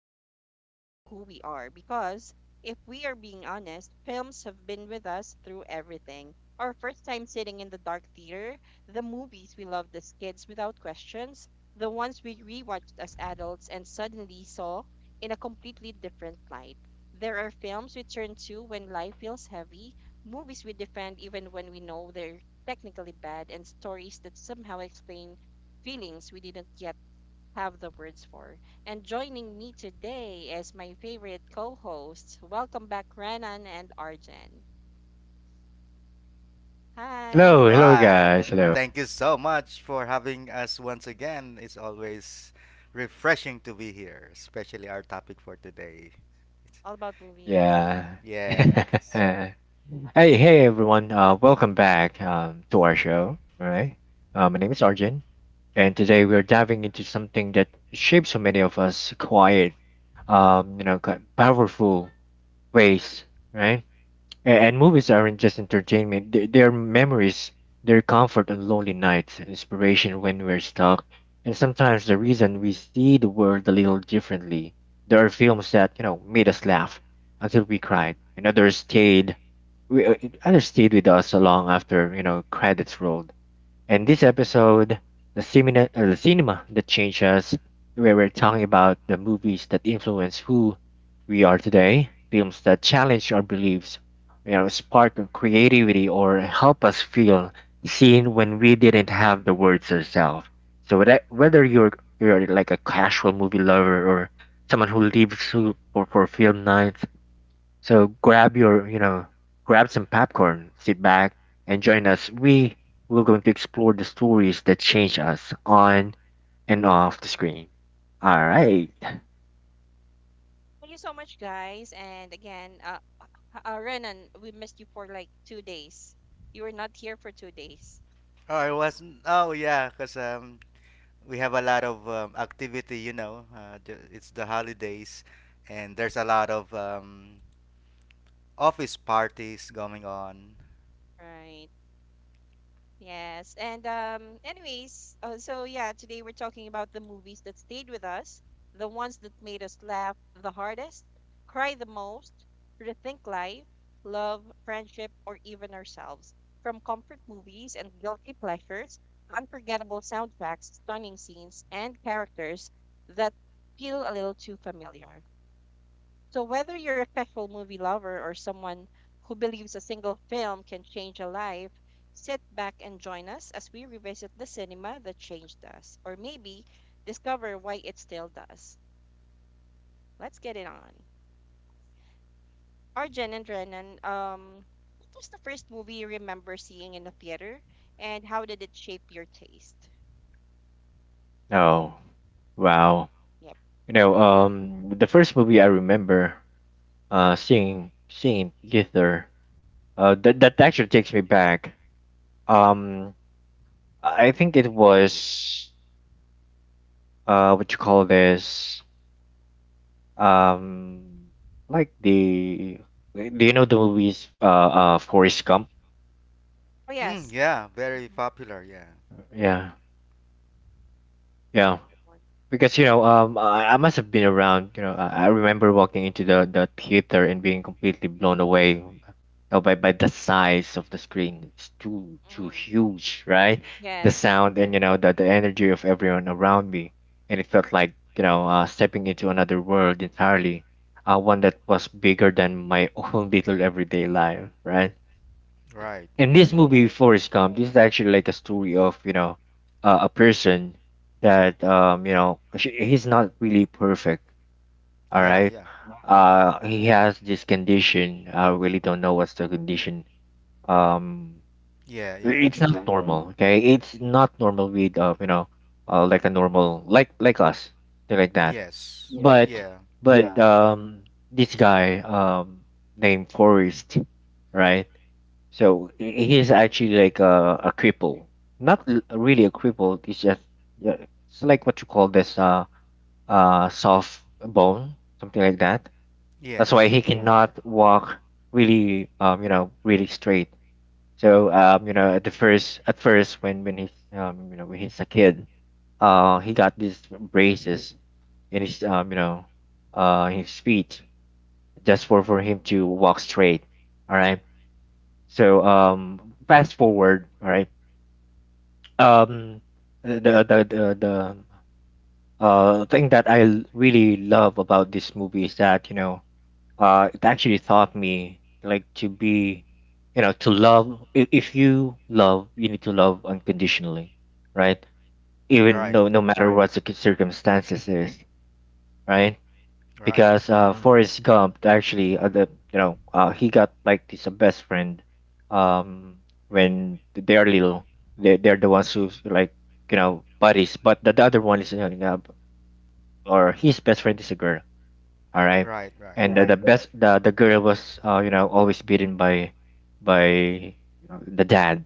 unexpectedly, shape who we are. Because if we are being honest, films have been with us through everything. Our first time sitting in the dark theater, the movies we loved as kids without questions, the ones we rewatched as adults and suddenly saw in a completely different light. There are films we turn to when life feels heavy, movies we defend even when we know they're technically bad, and stories that somehow explain feelings we didn't yet have the words for. And joining me today is my favorite co host. Welcome back, Renan and Arjen. All Hello, Hi, hello right. guys. Hello. Thank you so much for having us once again. It's always refreshing to be here, especially our topic for today. all about movies. Yeah. Yes. hey, hey everyone. Welcome back to our show, all right? My name is Arjun, and today we're diving into something that shapes so many of us quiet, quite powerful ways, right? And movies aren't just entertainment, they are memories, they're comfort on lonely nights, and inspiration when we're stuck, and sometimes the reason we see the world a little differently. There are films that, made us laugh until we cried, and others stayed. We, uh, others stayed with us so long after credits rolled. And this episode, the cinema that changed us, where we're talking about the movies that influence who we are today, films that challenge our beliefs, spark of creativity, or help us feel seen when we didn't have the words ourselves. So that, whether you're like a casual movie lover or someone who for film nights, so grab your, grab some popcorn, sit back, and join us. We're going to explore the stories that change us on and off the screen. All right. Thank you so much, guys. And again, Renan, we missed you for like 2 days. You were not here for 2 days. Oh, it wasn't. Oh, yeah, because we have a lot of activity, you know. It's the holidays, and there's a lot of office parties going on. Right. Yes. And anyways, so yeah, today we're talking about the movies that stayed with us, the ones that made us laugh the hardest, cry the most, rethink life, love, friendship, or even ourselves. From comfort movies and guilty pleasures, unforgettable soundtracks, stunning scenes, and characters that feel a little too familiar. So, whether you're a casual movie lover or someone who believes a single film can change a life, sit back and join us as we revisit the cinema that changed us, or maybe discover why it still does. Let's get it on. Arjen and Renan, what was the first movie you remember seeing in the theater, and how did it shape your taste? Oh wow. Yep. You know, the first movie I remember seeing in theater that actually takes me back. Um, I think it was what you call this. Um, like the Do you know the movies Forrest Gump? Oh, Mm, yes. yeah, very hmm popular, yeah. Yeah, yeah. Yeah, that one. Because you know, I must have been around. You know, I remember walking into the theater and being completely blown away, by the size of the screen. It's too Mm. huge, right? The Yes, of sound and the energy of everyone around me, and it felt like stepping into another world entirely, one that was bigger than my own little everyday life, right? Right. In this movie right. Forrest Gump, this is actually like a story of a person that he's not really perfect. All Yeah, right, yeah. He has this condition. I really don't know what's the condition. Um, Yeah, yeah. it's not normal. Okay, it's not normal with like a normal like us, something like that. Yes. But Yeah. but um this guy named Forrest, right? So he's actually like a cripple, not really a cripple. It's just, yeah, it's like what you call this, soft bone, something like that. That's why Yes. he, yeah, cannot walk really, really straight. So at the first at first when he's, when he's a kid, he got these braces in his, his feet just for him to walk straight. All right. So fast forward, all right. Um, the the the the thing that I really love about this movie is that, you know, it actually taught me like to be, you know, to love. If you love, you need to love unconditionally, right? Even, Right, no matter what the circumstances is, right? right, Because Forrest Gump actually, the you know he got like this a best friend um when they are little. They're the ones who, like, you know, buddies, but the other one is, or his best friend is a girl, all right. right, right. And the girl was, you know, always beaten by by you know, the dad.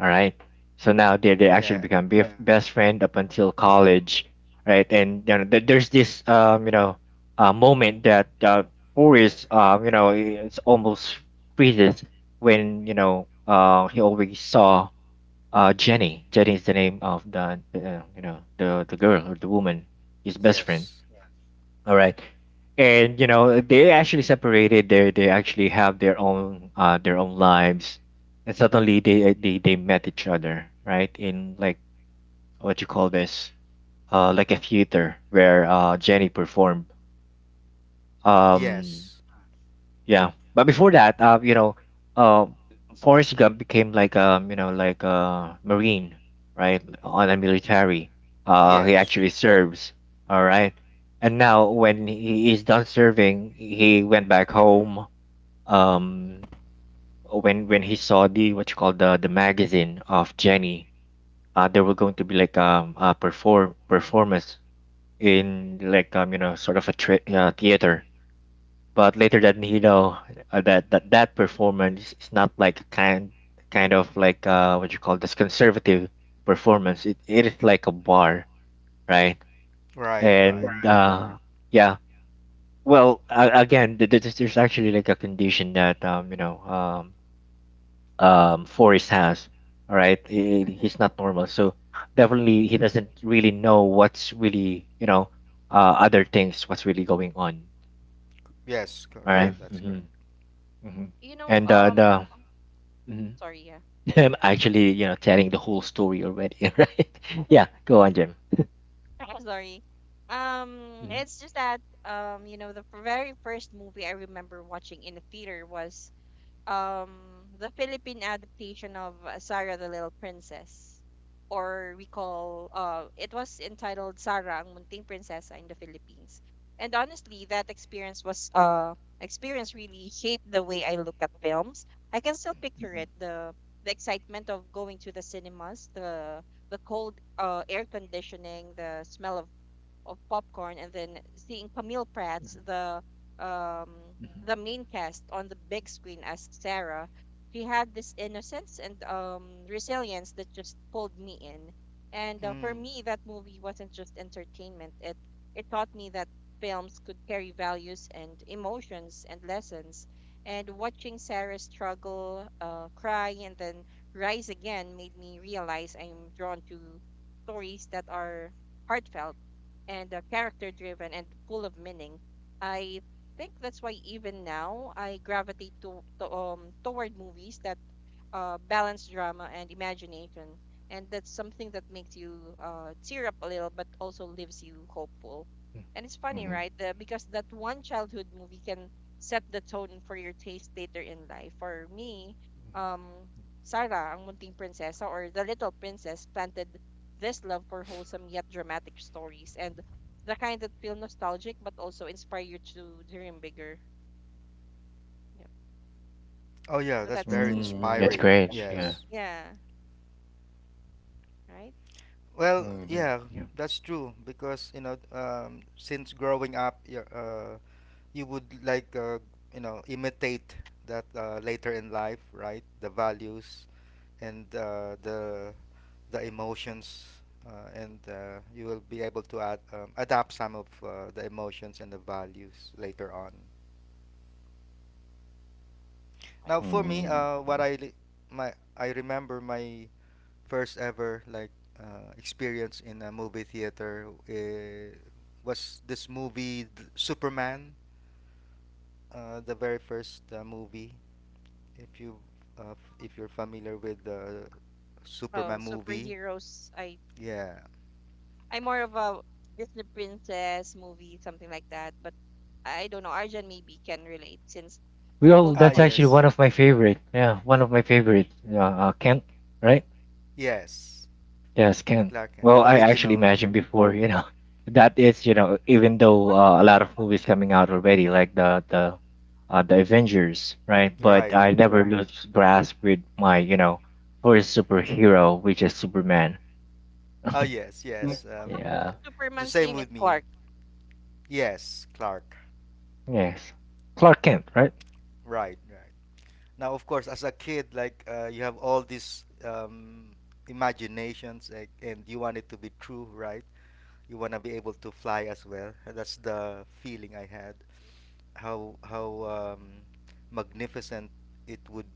All right. So now they actually Yeah, become best friend up until college, right? And you know, there's this, moment that, Forrest, it's almost freezes when, he always saw Jenny. Jenny is the name of the, the girl or the woman, his best friend. yes, All right. And you know, they actually separated. They actually have their own lives, and suddenly they met each other, right? In like what you call this, like a theater where Jenny performed. Um, yes, yeah, but before that, uh, Forrest Gump became like, like a Marine, right, on a military. He yes. actually serves, all right, and now when he is done serving, he went back home. Um, when he saw the, what you call, the magazine of Jenny, they were going to be like, a performance in like, sort of a theater, but later that, you know, that performance is not like, kind of like, what you call this, conservative performance. It is like a bar, right? Right, And right. Yeah, well, again, there's actually like a condition that, Forrest has. All right, he's not normal, so definitely he doesn't really know what's really, other things, what's really going on. Yes, All correct. right. Mhm. That's good. Mm-hmm. Mm-hmm. You know, And the Mhm. sorry, yeah. I'm actually, you know, telling the whole story already, right? Yeah, go on, Jim. Sorry. Um, Mhm, it's just that you know, the very first movie I remember watching in the theater was the Philippine adaptation of Sarah the Little Princess, or we call it was entitled Sarah ang Munting Prinsesa in the Philippines. And honestly, that experience was experience really shaped the way I look at films. I can still picture mhm, it, the excitement of going to the cinemas, the cold air conditioning, the smell of popcorn, and then seeing Camille Prats, mhm, um mhm, the main cast on the big screen as Sarah. She had this innocence and resilience that just pulled me in. And for Mm. me, that movie wasn't just entertainment. It taught me that films could carry values and emotions and lessons. And watching Sarah struggle, cry, and then rise again made me realize I'm drawn to stories that are heartfelt and character driven and full of meaning. I think that's why even now I gravitate to toward movies that balance drama and imagination, and that's something that makes you tear up a little, but also leaves you hopeful. And it's funny, mhm, mhm, right? Because that one childhood movie can set the tone for your taste later in life. For me, mhm. um, Sarah, ang munting prinsesa, or the little princess, planted this love for wholesome yet dramatic stories, and the kind that feel nostalgic but also inspire you to dream bigger. Yep. Oh, yeah, So that's very that's Mm, that's inspiring. for- great. Yeah. Yes. yeah, right? Well, Hmm. yeah, Yeah. that's true because, you know, since growing up, you're, you would like, you know, imitate that later in life, right? The values and the emotions, and you will be able to add adapt some of the emotions and the values later on. Right. Now for me, what I li- my I remember my first ever, like, experience in a movie theater, was this movie, Superman, the very first, movie, if you if you're familiar with the Oh, Superman movie. superheroes. Yeah. I'm more of a Disney princess movie, something like that. But I don't know. Arjan maybe can relate since you're Well, both Ah, that's boys. actually yes, one of my favorite. Yeah, one of my favorite. Kent, right? yes. Yes, can. Clark Kent, Well, the I actually original. imagined before, you know, that is, you know, even though, What? A lot of movies coming out already, like the, the Avengers, right? But Right. I never lose grasp with my, you know, first superhero, which is Superman. Oh, yes, yes. What kind Um, Yeah. the Superman's same name is with me. Clark. Yes, Clark. Yes. Clark Kent, right? Right, right. Now, of course, as a kid, like, you have all these imaginations, like, and you want it to be true, right? You want to be able to fly as well. And that's the feeling I had. How magnificent it would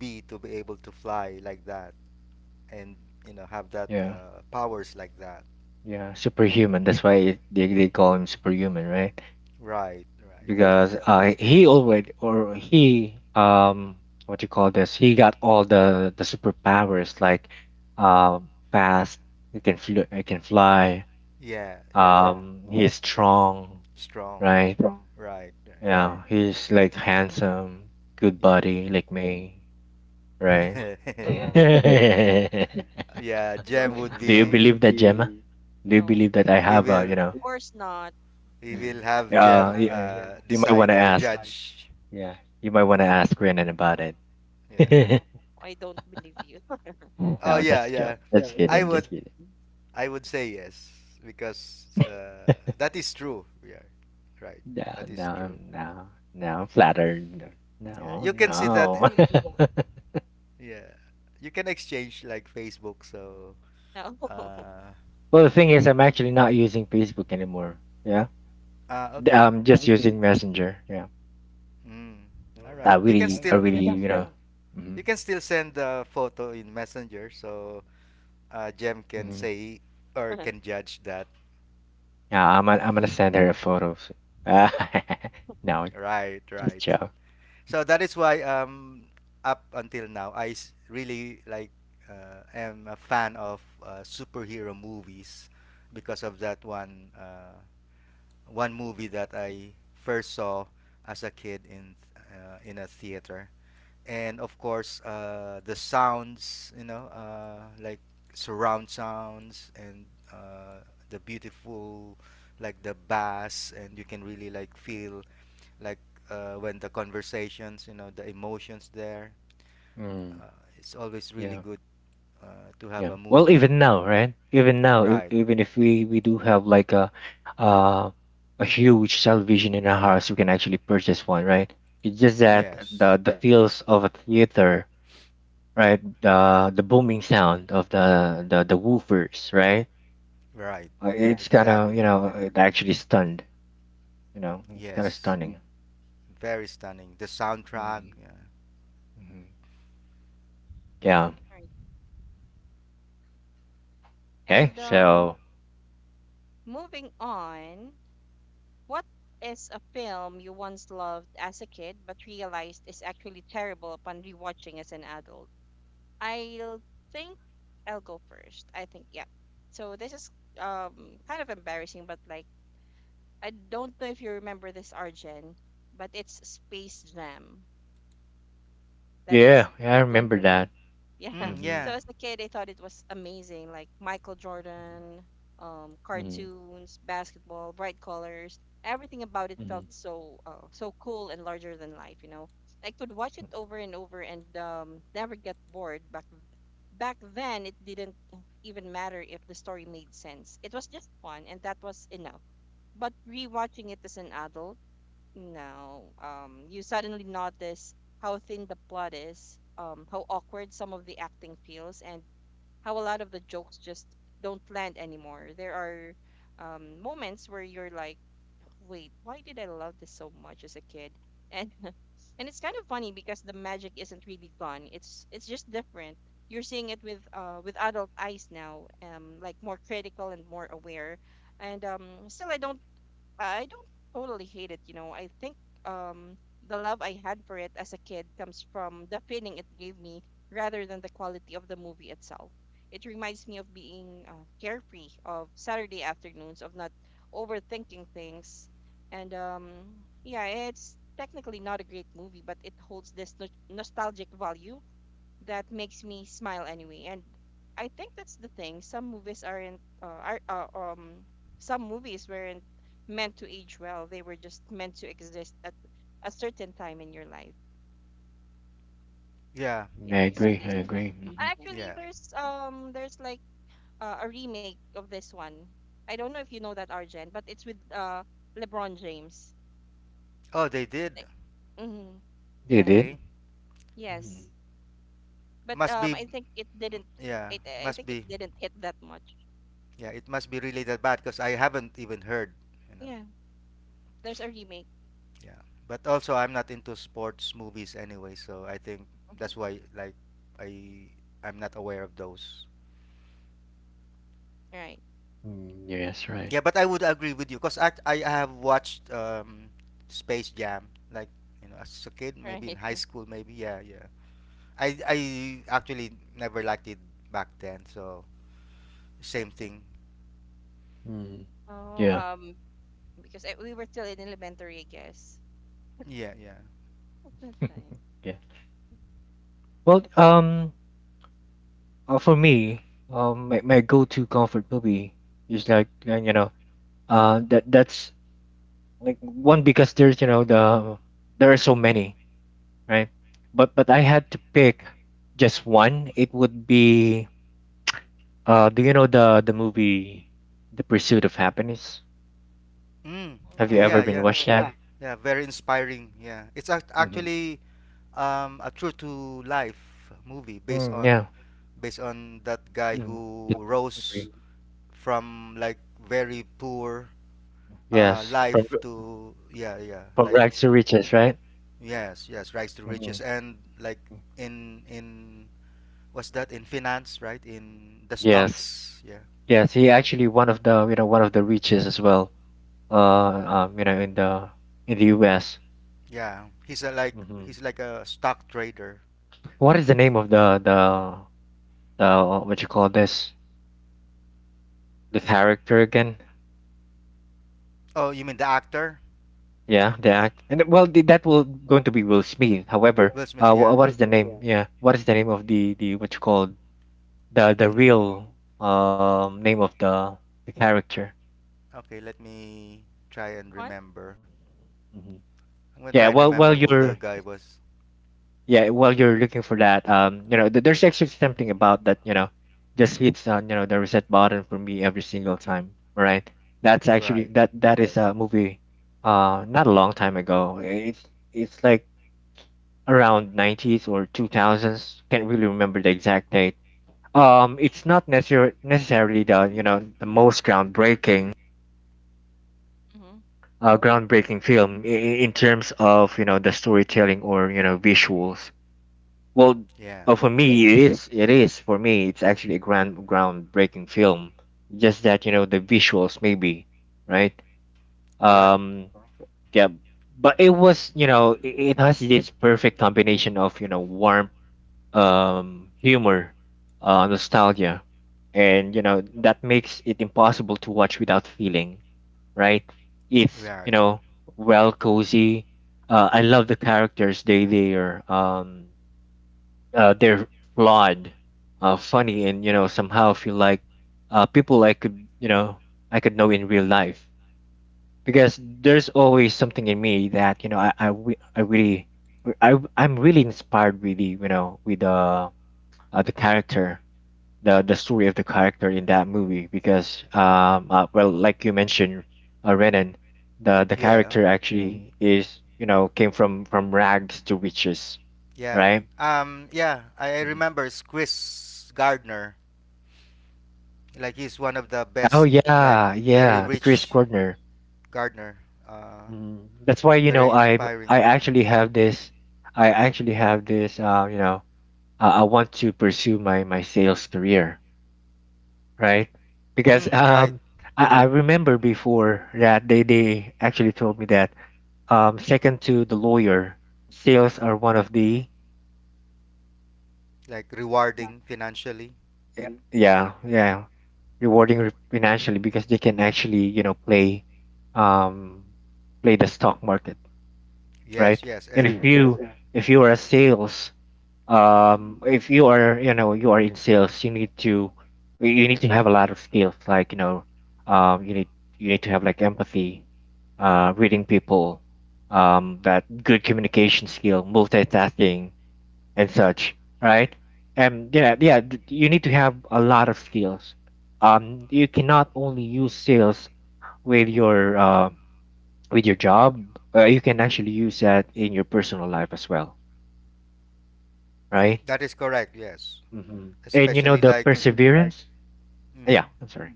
be to be able to fly like that, and you know have that Yeah. Powers like that. Yeah. Superhuman. That's why they call him superhuman, right? Right, right. Because he already, or he, what you call this, he got all the superpowers like, uh, fast, he he can fly. Yeah, yeah. Yeah. He's strong, Strong. right. Strong. Right, right. Right. Yeah, he's like handsome, good Yeah. body like me, right. Hmm, Yeah, I don't Jem would think Do you so. be. believe that, Gemma? Yeah. Do you No, believe that I we have a, you will of know? course not. we Mm, will have Jem yeah, you might want decide to or ask, judge. yeah, you might want to ask Renan about it. Yeah. No, I don't believe you. Oh, No, yeah, that's yeah. joke. Just I kidding. would Just kidding. I would say yes because that is true. Yeah. Right. Yeah, That is true. No. I'm flattered. Yeah. No, You can see that, no. yeah. You can exchange like Facebook, so No. uh Well, the thing is, I'm actually not using Facebook anymore. Yeah, ah, okay. I'm just using Messenger. Yeah, Mm. All right. You can I still really, you know. Good. Hmm. you can still send the photo in Messenger, so Jem can Hmm. say or can judge that. Yeah, I'm gonna send her a photo. No, Right, just right. ciao. So that is why up until now I, really like, am a fan of superhero movies because of that one movie that I first saw as a kid in, in a theater. And of course, the sounds, you know, like surround sounds, and uh, the beautiful, like the bass, and you can really like feel, like, when the conversations, you know, the emotions there, Mm, it's always really yeah, good, to have yeah. a Well, movie. even now, right? Even now, Right. even if we do have like a, uh a huge television in our house, we can actually purchase one, right? It's just that Yes. The feels of a theater, right? The booming sound of the the woofers, right? Right. Yeah. It's kind of, you Exactly. know, it actually stunned, you know, it's kind of, yeah, Yes, stunning. very stunning, the Yeah. soundtrack, Hmm. yeah. Hmm. Yeah. Right. Okay. And So moving on, what is a film you once loved as a kid but realized is actually terrible upon rewatching as an adult? I'll think I'll go first. I think, yeah. So this is kind of embarrassing, but like I don't know if you remember this, Arjun, but it's Space Jam. That's yeah, a yeah, I big one remember for me. that. Yeah. Mm, Mm-hmm. So yeah, as a kid, I thought it was amazing, like Michael Jordan, Hmm. cartoons, basketball, bright colors. Everything about it felt Hmm. so so cool and larger than life. You know, I could watch it over and over and never get bored. Back then, it didn't even matter if the story made sense. It was just fun, and that was enough. But rewatching it as an adult, no. You suddenly notice how thin the plot is, how awkward some of the acting feels, and how a lot of the jokes just don't land anymore. There are moments where you're like, wait, why did I love this so much as a kid? And and it's kind of funny because the magic isn't really gone. It's just different. You're seeing it with adult eyes now, like more critical and more aware. And still, I don't totally hate it, you know. I think um the love I had for it as a kid comes from the feeling it gave me rather than the quality of the movie itself. It reminds me of being carefree, of Saturday afternoons, of not overthinking things. And yeah, it's technically not a great movie, but it holds this nostalgic value that makes me smile anyway. And I think that's the thing. Some movies weren't meant to age well. They were just meant to exist at a certain time in your life. yeah, I Yeah, that's agree. I Space Jam. agree. Mm-hmm. Actually, yeah. There's like a remake of this one. I don't know if you know that, Argent, but it's with LeBron James. Oh, they did. Mm-hmm. They Yeah. did. Okay. Yes. Mm-hmm. But Must be, I think it didn't, yeah, it I must think it be, didn't hit that much. yeah, it must be really that bad because I haven't even heard, you know, Yeah. There's a remake. yeah. But also, I'm not into sports movies anyway, so I think Mhm. that's why, like, I I'm not aware of those. Right. Mm, yeah, that's right. Yeah, but I would agree with you because I have watched, Space Jam, like, as a kid, maybe in Right. high school, maybe, yeah, yeah. I actually never liked it back then, so same thing. Mm, Oh, yeah. Because we were still in elementary, I guess. Yeah, yeah. At that time. Yeah. Well, for me, my go-to comfort movie is like, that's like one, because there's, you know, there are so many, right, but I had to pick just one. It would be, do you know the movie The Pursuit of Happiness? Mm, Have you okay, ever yeah, No. been yeah. watched that? Yeah, very inspiring. Yeah, it's Mm-hmm. actually a true to life movie based Mm, on yeah. based on that guy Mm, the who true rose story. from, like, very poor, Yes, life to, yeah, yeah, from like, rags to riches, right. yes, yes, rise to Hmm. riches, and like, in what's that, in finance, right, in the Yes, stocks, yeah, yes, he actually one of the, you know, one of the riches as well, you know, in the US. yeah, he's a like Hmm. he's like a stock trader. What is the name of the what you call this, the character again? Oh, you mean the actor. Yeah, the act, and well, the, that will going to be Will Smith, however, Will Smith? Yeah, what is yeah. the name? Yeah. Yeah, what is the name of the, what you call, the Mm, yeah. real name of the character? Okay, let me try and Fun? remember. Mhm. I'm gonna try and While remember who the you're, guy was. yeah, while you're looking for that, there's actually something about that, you know, just hits on, you know, the reset button for me every single time, right. That's actually Right. That is a movie, not a long time ago. It's like around 90s or 2000s, can't really remember the exact date. It's not necessarily the, you know, the most groundbreaking, Mm-hmm. Hmm groundbreaking film in terms of, you know, the storytelling or, you know, visuals. Well, Yeah, for yeah. me, it is. It is for me. It's actually a grand groundbreaking film. Just that, you know, the visuals, maybe, right? Correct. Um, yeah. But it was, you know, it has this perfect combination of, you know, warmth, humor, nostalgia, and, you know, that makes it impossible to watch without feeling, right? It's you Right. know well, cozy. I love the characters. They're flawed, funny, and you know somehow feel like people I could I could know in real life, because there's always something in me that you know I really I'm really inspired with the you know with the character, the story of the character in that movie because well, like you mentioned, Renan, the Yeah. character actually is you know came from rags to riches, Yeah. right? Yeah, I remember Squiz Gardner. Like, he's one of the Oh best, like, yeah, very yeah, the Chris rich Gardner. gardener. Uh That's why you know Very I inspiring. actually have this. I actually have this. I want to pursue my sales career, right? Because Mm, right. I remember before that they actually told me that second to the lawyer, sales are one of the Like rewarding financially. yeah, yeah, yeah, rewarding financially, because they can actually you know play, um play the stock market, Yes, right? yes. And And if yes, you yeah. If you are a sales, if you are you know you are in sales, you need to you need to have a lot of skills. Like you know, um, you need you need to have like empathy, reading people, that good communication skill, multitasking, and such, right? And yeah, yeah, you need to have a lot of skills. You cannot only use sales with your uh, with your job. You can actually use that in your personal life as well, right? that is correct. Yes. Hmm. And you know Especially, the right, like. perseverance. Yeah, Mhm. I'm sorry.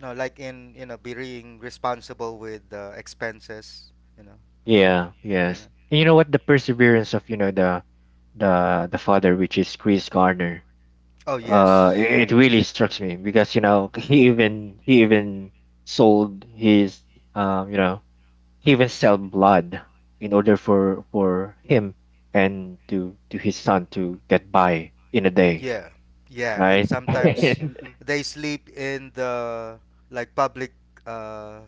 No, like, in being responsible with the expenses. Yeah, yes. Pina- And you know what? The perseverance of you know the the father, which is Chris Garner. Oh, It yes, right, really strikes me because you know he even sold his you know, he even sell blood in order for him and to his son to get by in a day, yeah, yeah, and right? sometimes they sleep in the, like, uh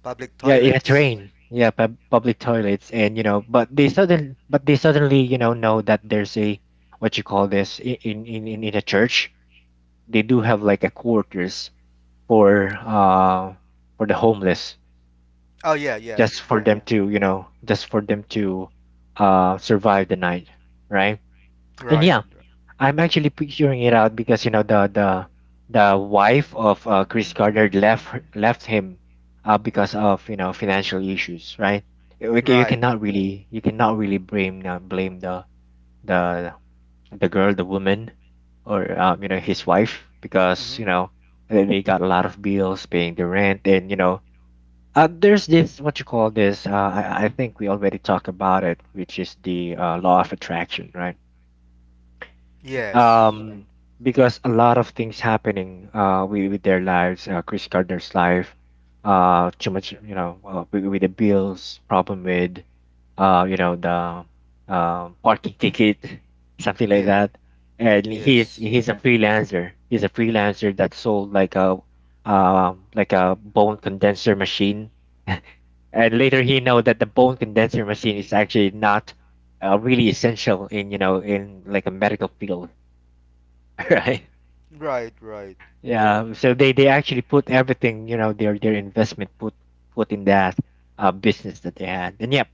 public Yeah, in a toilets. train. Yeah, public toilets, and you know, but they sudden, but they suddenly, you know that there's a what you call this in a church. They do have like a quarters for uh for the homeless, Oh, yeah, yeah, just for yeah. them to you know, just for them to survive the night, right? And Right, yeah, right. I'm actually picturing it out because you know the wife of Chris Gardner left him, because of you know financial issues, right? Right. You cannot really blame blame the the the girl, the woman, or you know his wife, because Mhm. you know they got a lot of bills, paying the rent, and you know, there's this what you call this. I think we already talked about it, which is the law of attraction, right? Yes, um because a lot of things happening with their lives, Chris Gardner's life, too much you know, with the bills problem with you know the parking ticket, something like yeah, that. And he's yes. he's a freelancer, he's a freelancer that sold like a bone condenser machine, and later he know that the bone condenser machine is actually not really essential in you know in like a medical field, right? Right, right, Yeah, so they actually put everything you know their investment, put put in that business that they had, and yep,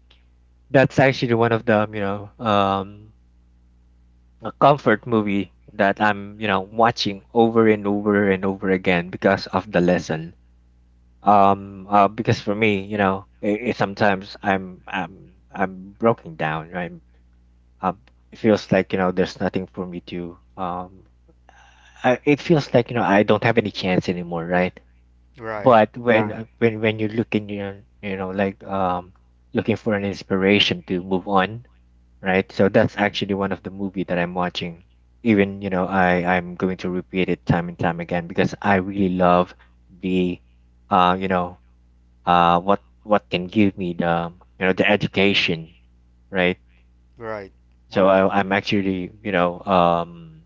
that's actually one of the you know a comfort movie that I'm you know watching over and over and over again because of the lesson. Because for me you know, it sometimes I'm broken down, right? um, it feels like you know there's nothing for me to I, it feels like you know I don't have any chance anymore, right? right, But when when you're looking, you know, like looking for an inspiration to move on, right? So that's actually one of the movie that I'm watching. Even you know, I'm going to repeat it time and time again because I really love the, uh, you know, what can give me the you know the education, right? right. So yeah. I, I'm actually you know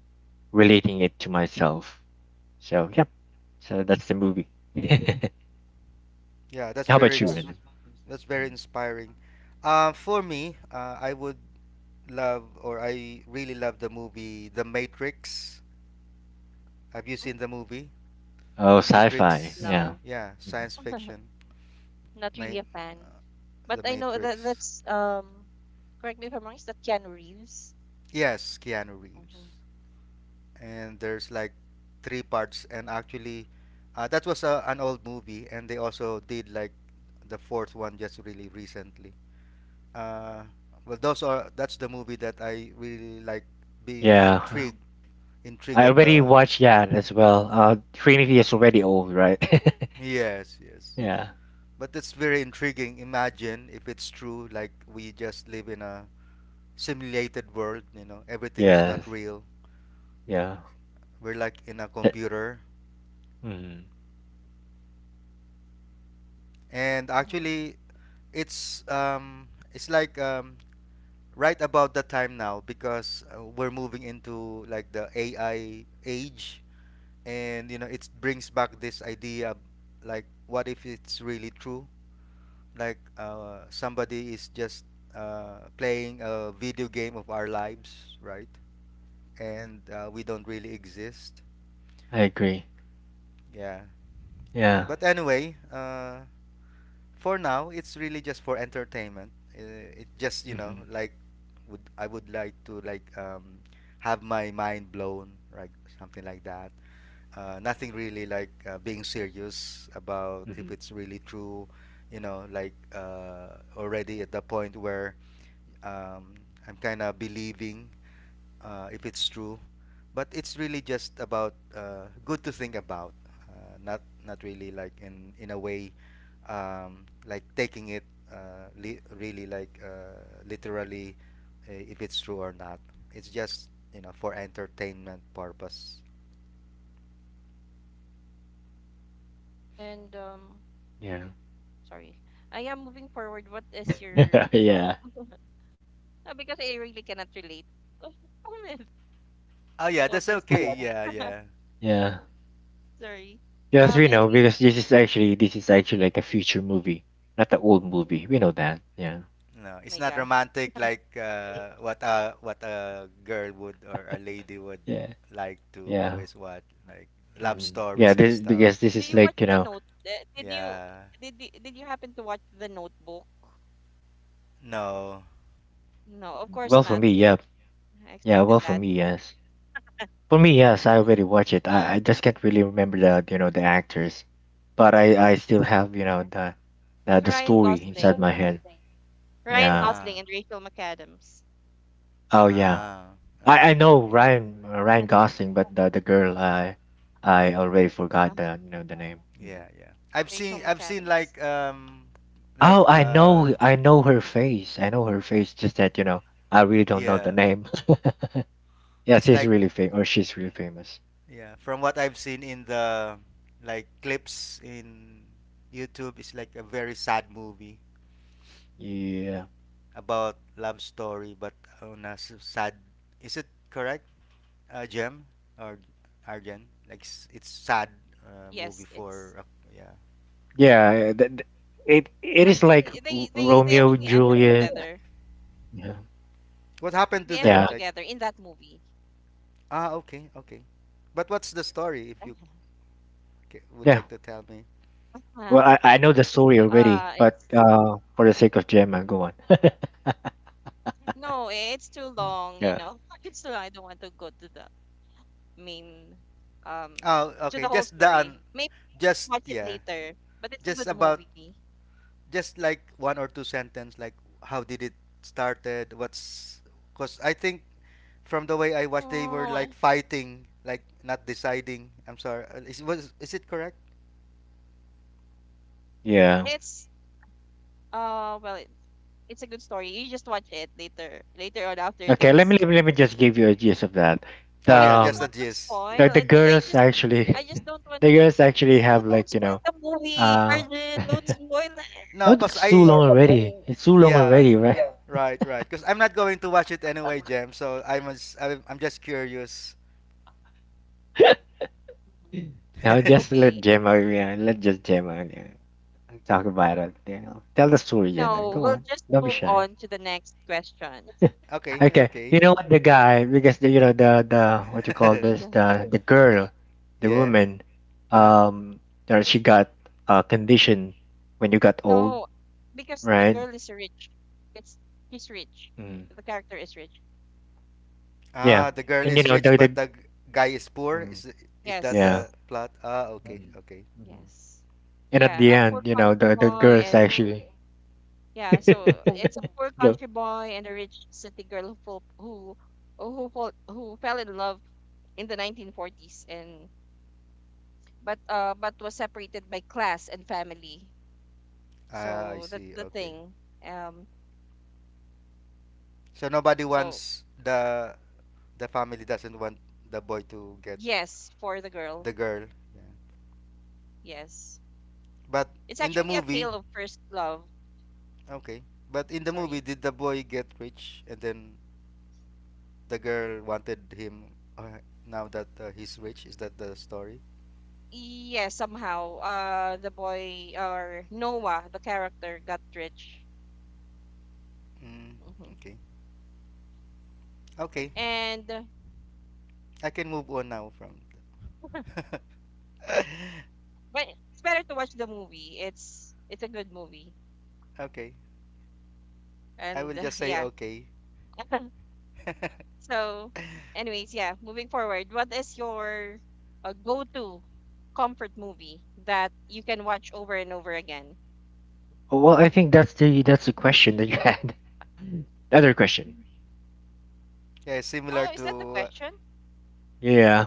relating it to myself. So yeah, so that's the movie. Yeah, that's How very about you, Ren? that's very inspiring. For me, I really love the movie The Matrix. Have you seen the movie Oh, sci-fi. Matrix? Yeah. No. Yeah, science fiction. Not Ma- really a fan. uh, But the I know that Matrix. that's correct me if I'm wrong, is that Keanu Reeves? Yes, Keanu Mm-hmm. Reeves. And there's like three parts, and actually, that was an old movie, and they also did, like, the fourth one just really recently. Uh, well, those are that's the movie that I really like being Yeah, intrigued I at already the. watched that as well. Trinity is already old, right? Yes, yes. Yeah. But it's very intriguing. Imagine if it's true, like we just live in a simulated world, you know, everything is not Yes. real. Yeah. We're like in a That- computer. mhm. And Mm-hmm. actually, it's like right about the time now because, we're moving into like the AI age, and you know it brings back this idea, like what if it's really true, like, somebody is just, playing a video game of our lives, right? And we don't really exist. I agree. Yeah. Yeah. But anyway, for now, it's really just for entertainment. It just Hmm. like would I would like to, like, have my mind blown, like something like that. Nothing really, like, being serious about if Hmm. it's really true, like, already at the point where um, I'm kind of believing, if it's true. But it's really just about, good to think about, not really like in a way, like taking it, li- really like literally, if it's true or not. It's just for entertainment purpose. And Yeah. sorry. I am moving forward. What is your Yeah. um because I really cannot relate Oh, with yeah, all that's this. okay. Yeah, yeah. Yeah. Sorry. Yes, Um, we know, anyways. because this is actually like a future movie, not the old Mhm. movie. We know that. Yeah. No, it's My not gosh. romantic like, what a girl would or a lady would Yeah. like to Yeah. always watch, like love Hmm. Yeah, stories Do and this, you watch because stuff. the this note? is like, you know, Yeah. Did you happen to watch the Notebook? No. No, of course not. well for me, yeah. I expected that. Yeah, well for me, yes. For me, yes, I already watched Uh, it. I just can't really remember the you know the actors, but I still have you yeah, know the it's the story inside my head. Ryan Yeah. Gosling and Ah. Rachel McAdams. Oh yeah. Ah. I Okay. Yeah, know Okay. Ryan Ryan Gosling, but the girl I already uh-huh. forgot the you know the name. Mhm. Yeah. Yeah. Rachel I've seen. McAdams. Like, like, Oh, I know, I know her face. I know her face. Just that you know I really don't know the yeah. name. Yes, It's she's like, really famous, or she's really famous. yeah. From what I've seen in the, like, clips in YouTube, it's like a very sad movie Yeah. about love story, but, on a sad, is it correct, gem or arjen, like, it's Yes, sad, it's. Movie for, yeah. Yeah. But It it is they like actually end up Romeo and together. Juliet. Yeah. They end up What together happened in to that Yeah. them, like, movie. Okay, okay, but what's the story if you, would Yeah. like to tell me. Uh, Well, I know the story already, it's but for the sake of Gemma, go on. No, it's too long. You know, Yeah. it's too long. I don't want to go to the main um Oh, to the whole okay, just the story. Maybe just watch just, it yeah, later. But it's a good just about, movie. just like one or two sentence, like, how did it started, what's, because I think, from the way I watched, they were Oh, like fighting, like not deciding, I'm sorry, is it correct? Yeah. it's well, it's a good story. You just watch it later, later on after Okay. Let this. me let me, let me just give you a gist of that. I don't Oh, The want yeah, to just the um, spoil. gist, yeah. the I just, girls I just actually, don't want to. the girls No, actually have don't like spoil you the know, movie, uh, Arjun. no, Don't spoil it. No, because that's too I, long already. It's too long yeah, already, right? right, right, because I'm not going to watch it anyway, Jam, so I'm just curious. Mhm. Yeah. Now just let Okay. Gemma. Yeah, let just Gemma. Yeah, talk about it. Yeah. Tell the story, Gemma. No, Go we'll on. just Don't be move shy. on to the next question. Oh Okay, Okay, okay. you know what the guy, because the, you know the what you call my this gosh. The girl, the Yeah, woman, uh-huh. um, or she got a condition when you got old, No, because the right? girl is rich. It's He's rich. Mm. The character is rich. Yeah, Ah, Hmm the girl and you is know rich, but the the guy is poor. Is that yeah, the Yes. plot? Ah, okay, hmm, okay. mm-hmm, Yes. and at Yeah, the a poor end, you know country the boy girls and actually yeah, so it's a poor go. country boy and a rich city girl who fall, who fell in love in the 1940s, and but was separated by class and family. Ah, I So that see. the Okay. thing. Um So nobody so wants The family doesn't want the boy to get yes, for the girl. the girl. Yeah. Yes. But It's in the actually a movie, tale of first love. okay. Sorry. did the boy get rich, and then the girl wanted him, now that, he's rich? Is that the story? Yeah, somehow, the boy, or Noah, the character, got rich. Mm, Mm-hmm. okay. Okay. And I can move on now from. The but it's better to watch the movie. It's a good movie, okay. I and will just say yeah. okay. So, anyways, yeah. Moving forward, what is your go-to comfort movie that you can watch over and over again? Well, I think that's the question that you had. The other question. Yeah, similar Oh, is that the to. question? Yeah,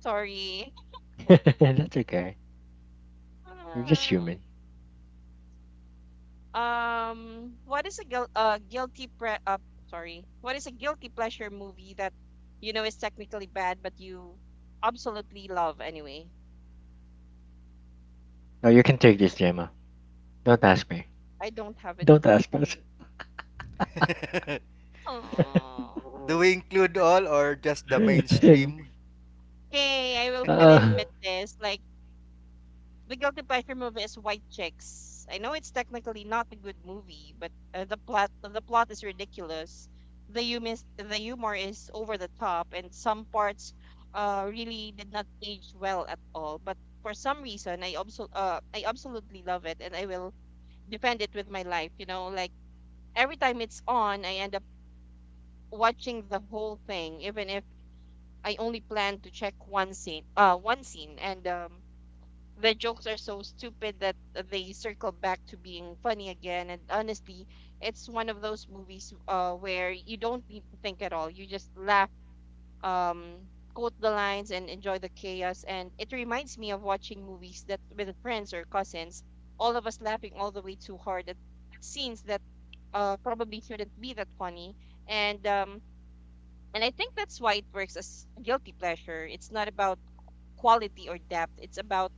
Sorry. that's okay. You're just human. What is a guil guilty pre sorry, what is a guilty pleasure movie that you know is technically bad but you absolutely love anyway? No, you can take this, Gemma. Don't ask me. I don't have it. Don't ask us. Oh, Do we include all or just the mainstream? okay, I will fully uh, admit this. Like the guilty pleasure movie is White Chicks. I know it's technically not a good movie, but the plot is ridiculous. The humor is over the top, and some parts really did not age well at all. But for some reason, I absolutely love it, and I will defend it with my life. You know, like every time it's on, I end up watching the whole thing, even if I only plan to check one scene. One scene, and the jokes are so stupid that they circle back to being funny again. And honestly, it's one of those movies where you don't need to think at all. You just laugh, um, quote the lines, and enjoy the chaos. And it reminds me of watching movies that with friends or cousins, all of us laughing all the way too hard at scenes that probably shouldn't be that funny. And um, and I think that's why it works as a guilty pleasure. It's not about quality or depth. It's about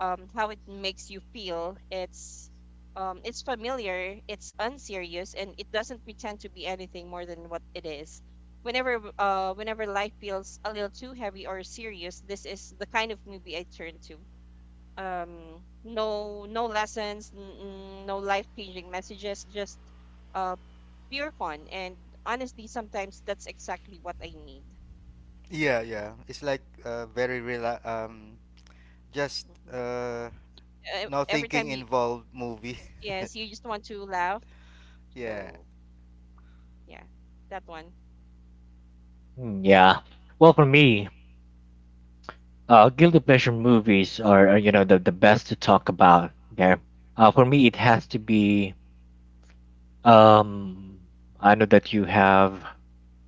how it makes you feel. It's familiar, it's unserious, and it doesn't pretend to be anything more than what it is. Whenever life feels a little too heavy or serious, this is the kind of movie I turn to. No lessons, no life changing messages, just uh, pure fun. And honestly, sometimes that's exactly what I need. Yeah, yeah. It's like, very real. Um, just Mhm. uh, E- no Every thinking time you involved movie. yes, you just want to laugh. Yeah. So yeah, that one. hmm, yeah. Well, for me, guilty pleasure movies are, you know the best to talk about. Okay. For me, it has to be. Um, I know that you have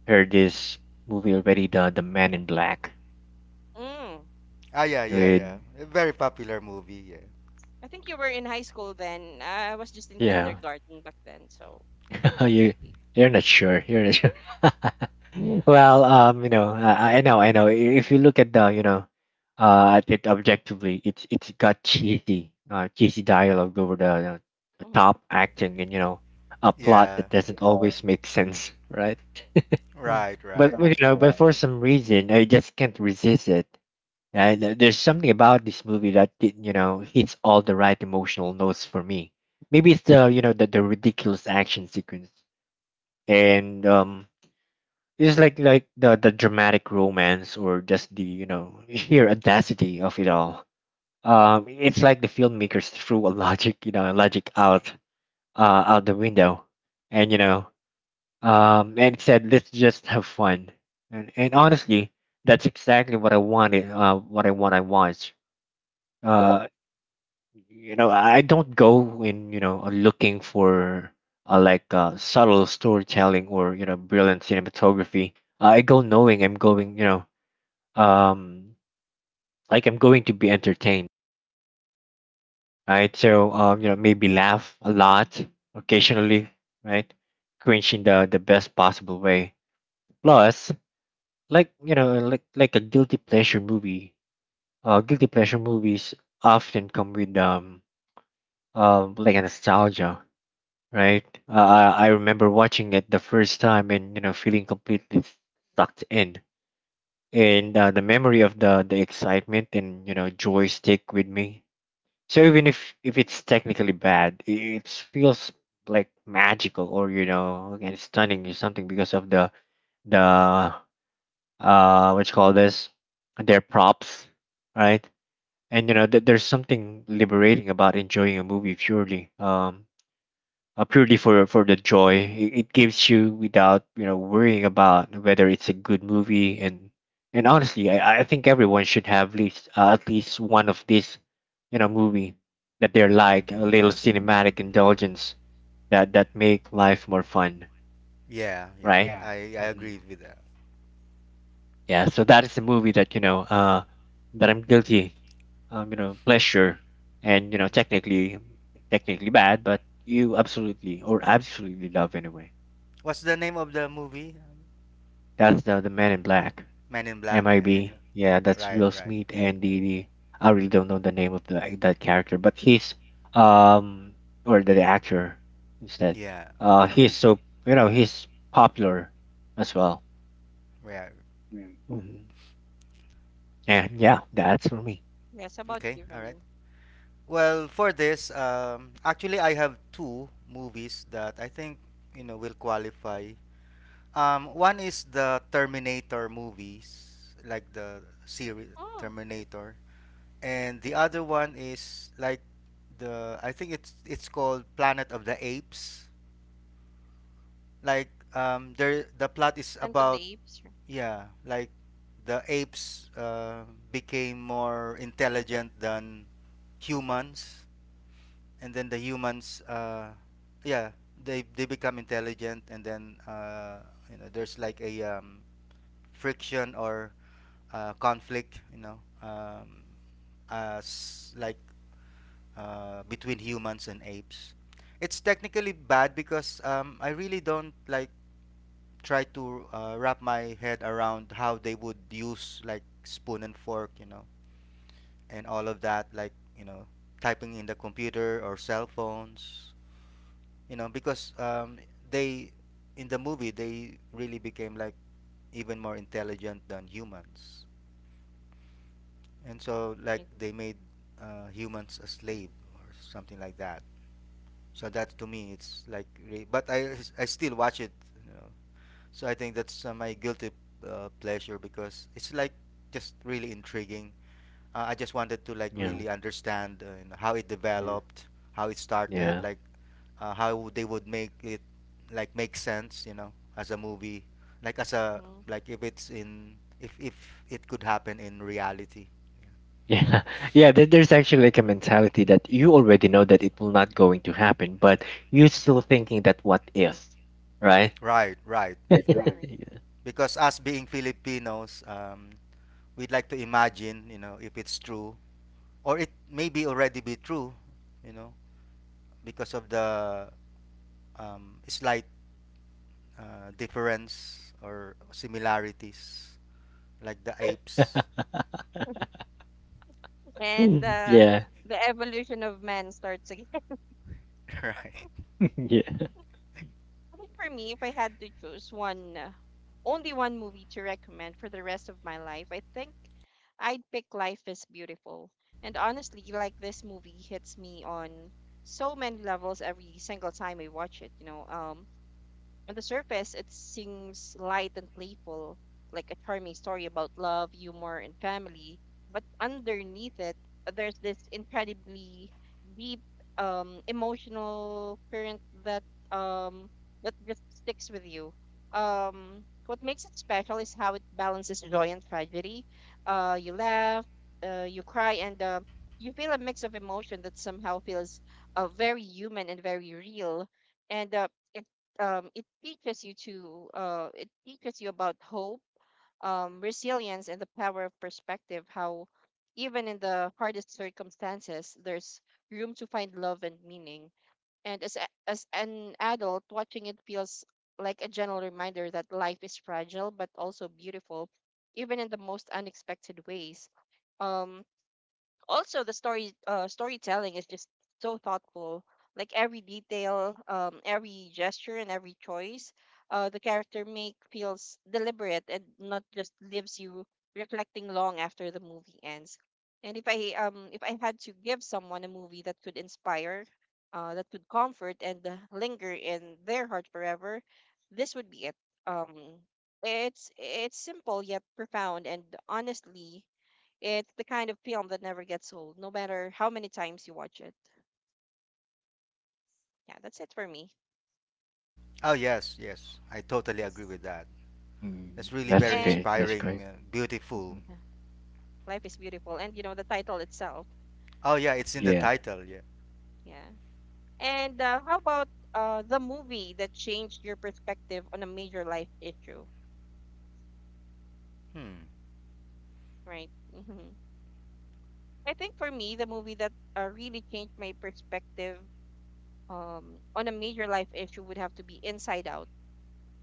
heard this movie already, the Man in Black. Mm. Ah, yeah, yeah, yeah. Good. A very popular movie. Yeah. I think you were in high school then. I was just in Yeah. kindergarten back then, so I don't you really. you're not sure. You're not sure. Well, you know, I know, I know. If you look at the, you know, at it objectively, it's got cheesy, cheesy dialogue over the, you know, the Mm-hmm. top acting and you know, a plot that Yeah. doesn't always make sense, right? Right, But right. you know, but for some reason, I just can't resist it. And there's something about this movie that it, you know hits all the right emotional notes for me. Maybe it's the you know the ridiculous action sequence and it's like the dramatic romance, or just the you know sheer audacity of it all. It's like the filmmakers threw a logic you know logic out out the window, and you know and said, let's just have fun. And honestly, that's exactly what I wanted, what I want I watch. uh you know, I don't go in you know looking for subtle storytelling or you know brilliant cinematography. I go knowing I'm going you know um like I'm going to be entertained, right? So you know, maybe laugh a lot, occasionally, right, cringe in the best possible way. Plus, like you know, like a guilty pleasure movie, guilty pleasure movies often come with like a nostalgia, right? I remember watching it the first time and you know feeling completely sucked in, and the memory of the excitement and you know joy stick with me. So even if it's technically bad, it feels like magical or you know and stunning or something because of the the what you call this, their props, right? And you know th- There's something liberating about enjoying a movie purely purely for the joy it gives you without worrying about whether it's a good movie and honestly I think everyone should have least at least one of these movie that they're, like, a little cinematic indulgence that make life more fun. Yeah, yeah. Right. I Hmm. agree with that. Yeah, so that is the movie that that I'm guilty, you know, pleasure, and technically bad, but you absolutely, or absolutely, love anyway. What's the name of the movie? That's the Man in Black. Men in Black. Yeah, MIB. yeah. Yeah, that's Right, Will right. Smith and the I really don't know the name of the that character, but he's um or the actor instead. Yeah, He's so, you know, he's popular as well. yeah. Mhm. And yeah, that's Yes, for how me. about you, Renan? Okay, all right. Well, for this, actually, I have two movies that I think will qualify. One is the Terminator movies, like the series Oh, Terminator, and the other one is, like, the I think it's called Planet of the Apes. There the Ant of plot the is Apes, right? about yeah, like the apes became more intelligent than humans. And then the humans yeah, they become intelligent. And then there's like a friction or conflict, as like between humans and apes. It's technically bad because I really don't like try to wrap my head around how they would use like spoon and fork, and all of that, you know typing in the computer or cell phones, you know because they, in the movie, they really became like even more intelligent than humans. And so like they made humans a slave or something like that. So that to me it's like but I still watch it. So I think that's my guilty pleasure because it's like just really intriguing. I just wanted to like Yeah, really understand, you know, how it yeah, developed, how it started, yeah. like how they would make it like make sense, you know, as a movie, like as a Mm-hmm. like if it's in if it could happen in reality. Yeah, yeah. There, there's actually, like, a mentality that you already know that it will not going to happen, but you're still thinking that what if, right? Right, right, Right. you know, Right. because us being Filipinos, we'd like to imagine, you know, if it's true, or it may be already be true, you know, because of the slight difference or similarities like the yeah. apes And yeah. the evolution of man starts again. right. Yeah. I think for me, if I had to choose one, only one movie to recommend for the rest of my life, I think I'd pick Life is Beautiful. And honestly, like this movie hits me on so many levels every single time I watch it. You know, on the surface, it seems light and playful, like a charming story about love, humor, and family. But underneath it, there's this incredibly deep emotional current that um, that just sticks with you. What makes it special is how it balances joy and tragedy. You laugh, you cry, and you feel a mix of emotion that somehow feels very human and very real. And it it teaches you to it teaches you about hope, resilience, and the power of perspective. How even in the hardest circumstances, there's room to find love and meaning. As an adult, watching it feels like a gentle reminder that life is fragile but also beautiful, even in the most unexpected ways. Um, also the storytelling is just so thoughtful, like every detail, every gesture, and every choice the character make feels deliberate and not just leaves you reflecting long after the movie ends. And if I had to give someone a movie that could inspire, that could comfort and linger in their heart forever, this would be it. um it's simple yet profound, and honestly, it's the kind of film that never gets old, no matter how many times you watch it. Yeah, that's it for me. Oh, yes, I totally agree Yes. with that. That's Mm, really that's very And great. That's inspiring, great. Movies. beautiful. Hmm. yeah, Life is Beautiful. And, you know, the title itself. Oh yeah, it's in the Yeah. title, yeah. Yeah. And how about the movie that changed your perspective on a major life issue? Hmm. Right. Hmm. I think for me, the movie that really changed my perspective on a major life issue would have to be Inside Out.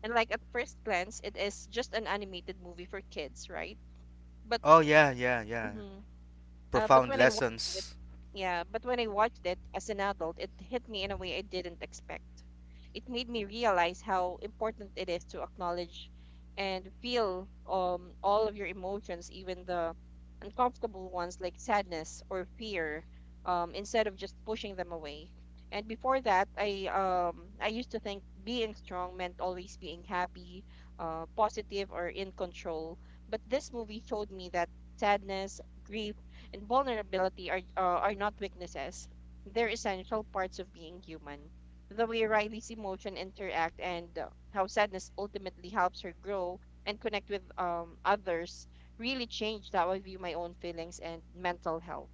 And, like, at first glance, it is just an animated movie for kids, right? But Oh yeah, mhm. But profound when I watched it, lessons. yeah, but when I watched it as an adult, it hit me in a way I didn't expect. It made me realize how important it is to acknowledge and feel all of your emotions, even the uncomfortable ones like sadness or fear, instead of just pushing them away. And before that, I used to think being strong meant always being happy, positive or in control. But this movie showed me that sadness, grief, and vulnerability are not weaknesses. They're essential parts of being human. The way Riley's emotion interact and how sadness ultimately helps her grow and connect with others really changed how I view my own feelings and mental health.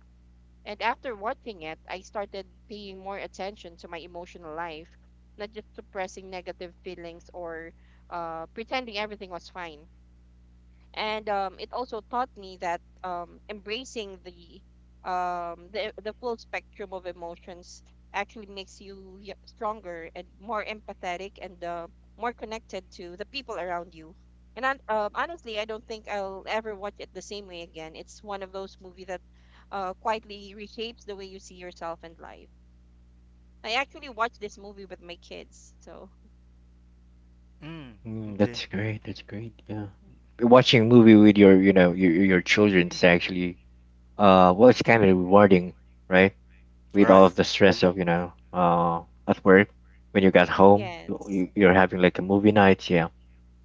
And after watching it, I started paying more attention to my emotional life, not just suppressing negative feelings or pretending everything was fine. And it also taught me that embracing the the full spectrum of emotions actually makes you stronger and more empathetic and more connected to the people around you. And honestly, I don't think I'll ever watch it the same way again. It's one of those movies that quietly reshapes the way you see yourself and life. I actually watched this movie with my kids, so Mm, Mm, mhm. okay, that's yeah. great. That's great. Yeah, watching a movie with your, you know, your your children is actually, well, it's kind of rewarding, right? With all Right, of Yes, the right. stress of, you know, at work, when you got home, yes, you're having, like, a movie night. Yeah.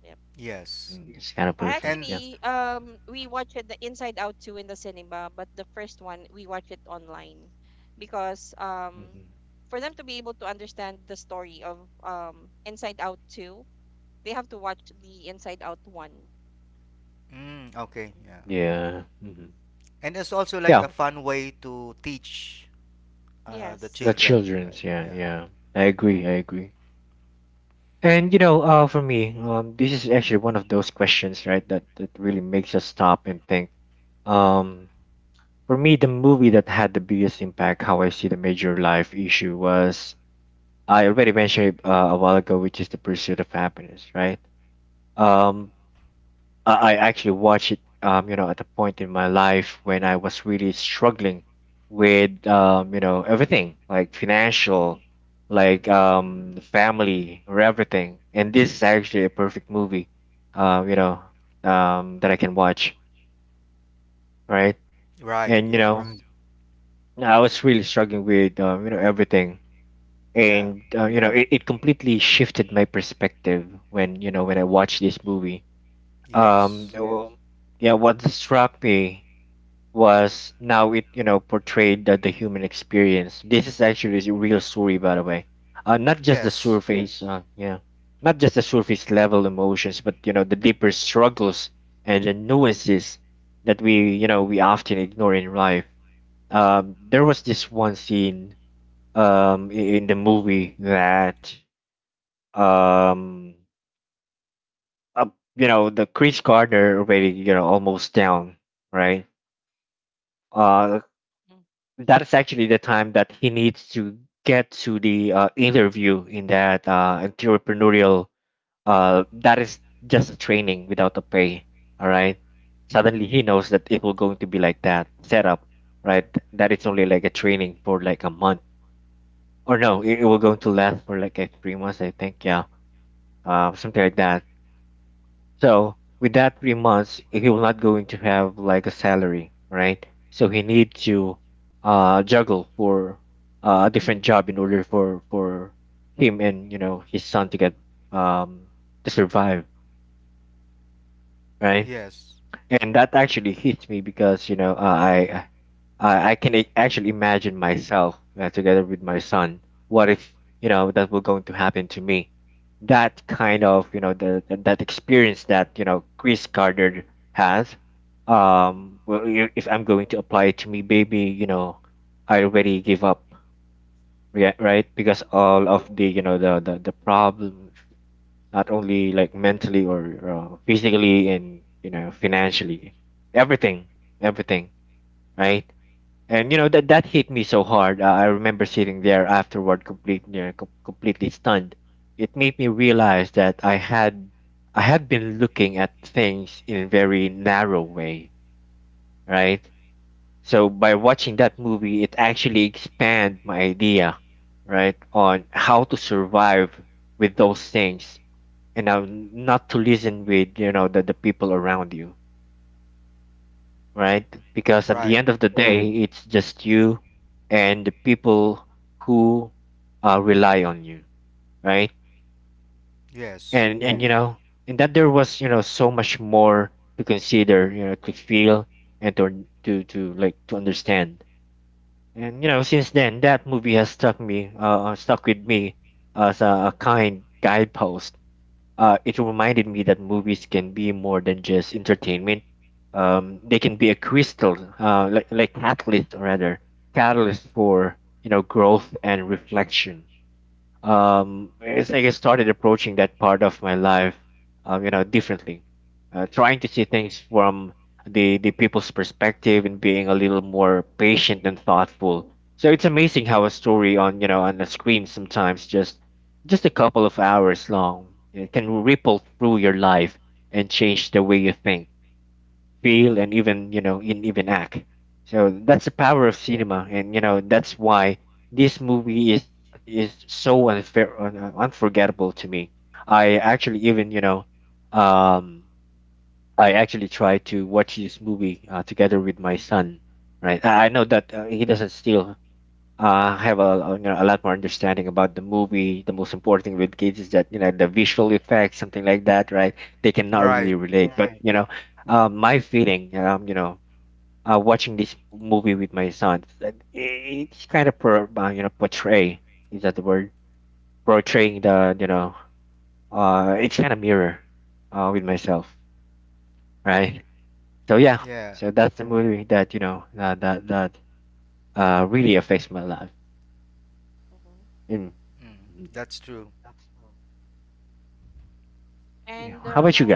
yes. Yes. Mm, it's kind of perfect. And Yeah. Actually, we watched it, the Inside Out 2 in the cinema, but the first one we watched it online because Hmm. for them to be able to understand the story of Inside Out 2, they have to watch the Inside Out 1. mm, okay, Mm. yeah. Yeah. Hmm. And it's also like Yeah. a fun way to teach the The Yes, children, right? children's. Yeah, Yeah, yeah. I agree. correct. I agree. And you know, for me, this is actually one of those questions, right, that that really makes us stop and think. Um, for me, the movie that had the biggest impact how I see the major life issue was, I already mentioned it a while ago, which is The Pursuit of Happiness, right? Um, I actually watched it, you know, at a point in my life when I was really struggling with, you know, everything, like financial, like the family, or everything. And this is actually a perfect movie, you know, that I can watch, right? right, And you yes, know, right, I was really struggling with, you know, everything. yeah. And you know, it completely shifted my perspective when you know when I watched this movie. Yes. Yes. Well, yeah, what struck me was now it you know portrayed the human experience. This is actually a real story, by the way. Not just the Yes. surface, yeah, not just the surface level emotions, but you know the deeper struggles and the nuances that we you know we often ignore in life. There was this one scene in the movie that um uh, you know the Chris Gardner already you know almost down, right. uh that is actually the time that he needs to get to the interview in that entrepreneurial, that is just a training without a pay, all right. Suddenly he knows that it will going to be like that setup, right, that it's only like a training for like a month, or no it will going to last for like 3 months I think, yeah, something like that. So with that 3 months, he will not going to have like a salary, right? So he need to juggle for a different job in order for him and you know his son to get um to survive, right? Yes. And that actually hits me because I I can actually imagine myself together with my son. What if you know that were going to happen to me? That kind of you know the that experience that you know Chris Gardner has. Well, if I'm going to apply it to me, baby, you know, I already give up, yeah, right? Because all of the you know the the problems, not only like mentally or physically and you know financially, everything, everything, right? And you know that that hit me so hard. I remember sitting there afterward, you know, completely stunned. It made me realize that I had been looking at things in a very narrow way, right? So by watching that movie, it actually expanded my idea, right, on how to survive with those things, and now not to listen with you know the people around you, right? Because at the Right. end of the day, it's just you and the people who rely on you, right? Yes. And you know, and that there was you know so much more to consider, you know, to feel and to like to understand. And you know, since then, that movie has stuck me, stuck with me as a kind guidepost. It reminded me that movies can be more than just entertainment. They can be a like catalyst rather, catalyst for you know growth and reflection. It's like I started approaching that part of my life, you know, differently, trying to see things from the people's perspective and being a little more patient and thoughtful. So it's amazing how a story on you know on the screen, sometimes just a couple of hours long, it can ripple through your life and change the way you think, feel, and even you know, in even act. So that's the power of cinema, and you know that's why this movie is so unfair, unforgettable to me. I actually even you know, um, I actually tried to watch this movie together with my son. Right, I know that he doesn't still have you know, a lot more understanding about the movie. The most important thing with kids is that you know the visual effects, something like that, right? They cannot Right. really relate. But you know, my feeling, you know, watching this movie with my son, it's like, it's kind of you know portray, is that the word, portraying the you know it's kind of mirror with myself, right? So yeah, Yeah. so that's the movie that you know that really Mm-hmm, affects my life. hmm. And Mm. Mhm. That's true. Yeah, And how about you?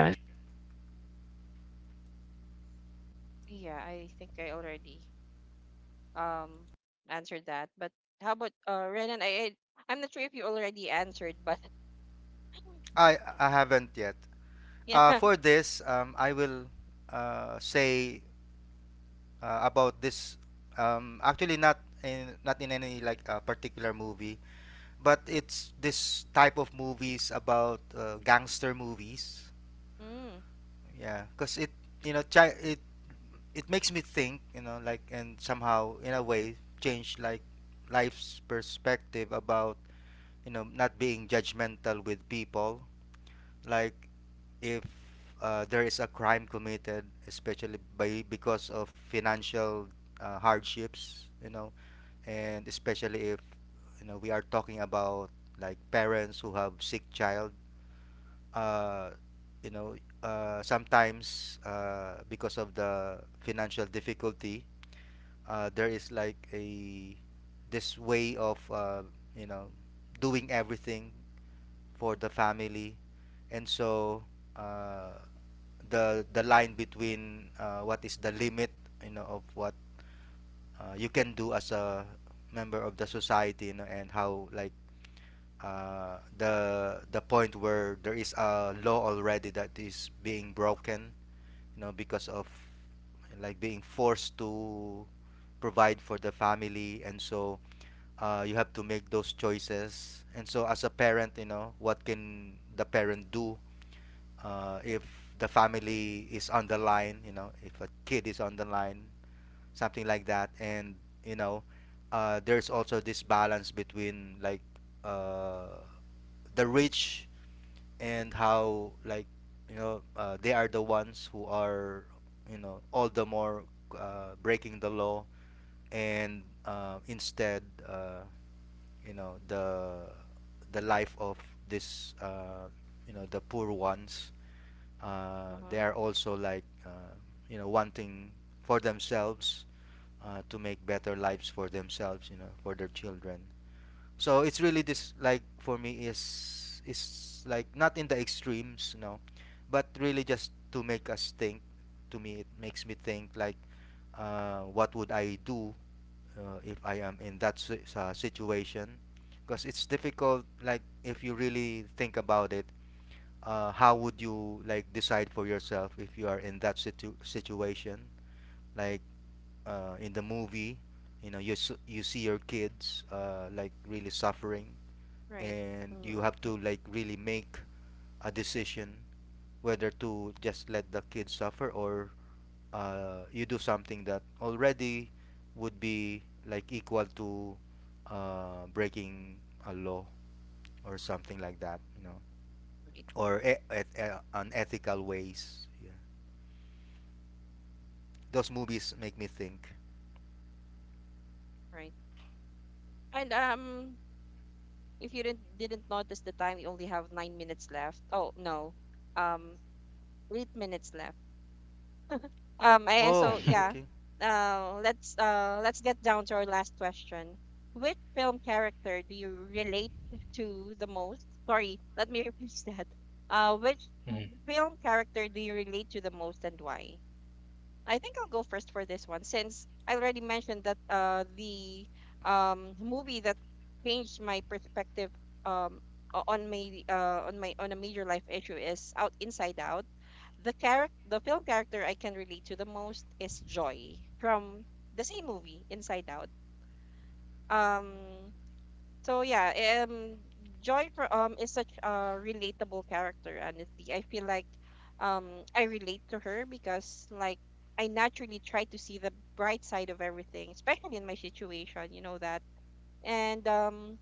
yeah, I think I already um answered that. But how about Renan? I'm not sure if you already answered, but I haven't yet. Yeah. For this, I will say about this. Actually, not in any like particular movie, but it's this type of movies about gangster movies. Mm, Yeah, because it it it makes me think, you know, like and somehow in a way change like life's perspective about, you know, not being judgmental with people. Like if there is a crime committed, especially by because of financial hardships, you know, and especially if you know we are talking about like parents who have sick child, uh, you know, sometimes because of the financial difficulty, there is like a this way of you know doing everything for the family, and so uh, the line between what is the limit you know of what you can do as a member of the society, you know, and how like the point where there is a law already that is being broken, you know, because of like being forced to provide for the family. And so you have to make those choices. And so as a parent, you know, what can the parent do if the family is on the line, you know, if a kid is on the line, something like that. And you know there's also this balance between like uh, the rich and how like you know they are the ones who are you know all the more breaking the law. And instead uh, you know the life of this you know the poor ones, uh-huh, they are also like you know wanting for themselves to make better lives for themselves, you know, for their children. So it's really this like for me is like not in the extremes, you know, but really just to make us think. To me it makes me think like what would I do if I am in that situation, because it's difficult like if you really think about it, how would you like decide for yourself if you are in that situation. Like in the movie, you know, you you see your kids like really suffering, right. and you Mm-hmm. have to like really make a decision whether to just let the kids suffer or you do something that already would be like equal to breaking a law or something like that, you know, Right. or unethical ways, yeah. Those movies make me think. Right. And if you didn't notice the time, we only have 9 minutes left. Oh no, um, 8 minutes left. So Oh, yeah, okay. Let's get down to our last question. Which film character do you relate to the most? Sorry, let me repeat that. Which film character do you relate to the most and why? I think I'll go first for this one since I already mentioned that the movie that changed my perspective um on my on my on a major life issue is Out Inside Out. The film character I can relate to the most is Joy from the same movie Inside Out. Um yeah, Joy is such a relatable character. Honestly, I feel like I relate to her because like I naturally try to see the bright side of everything, especially in my situation. You know that, and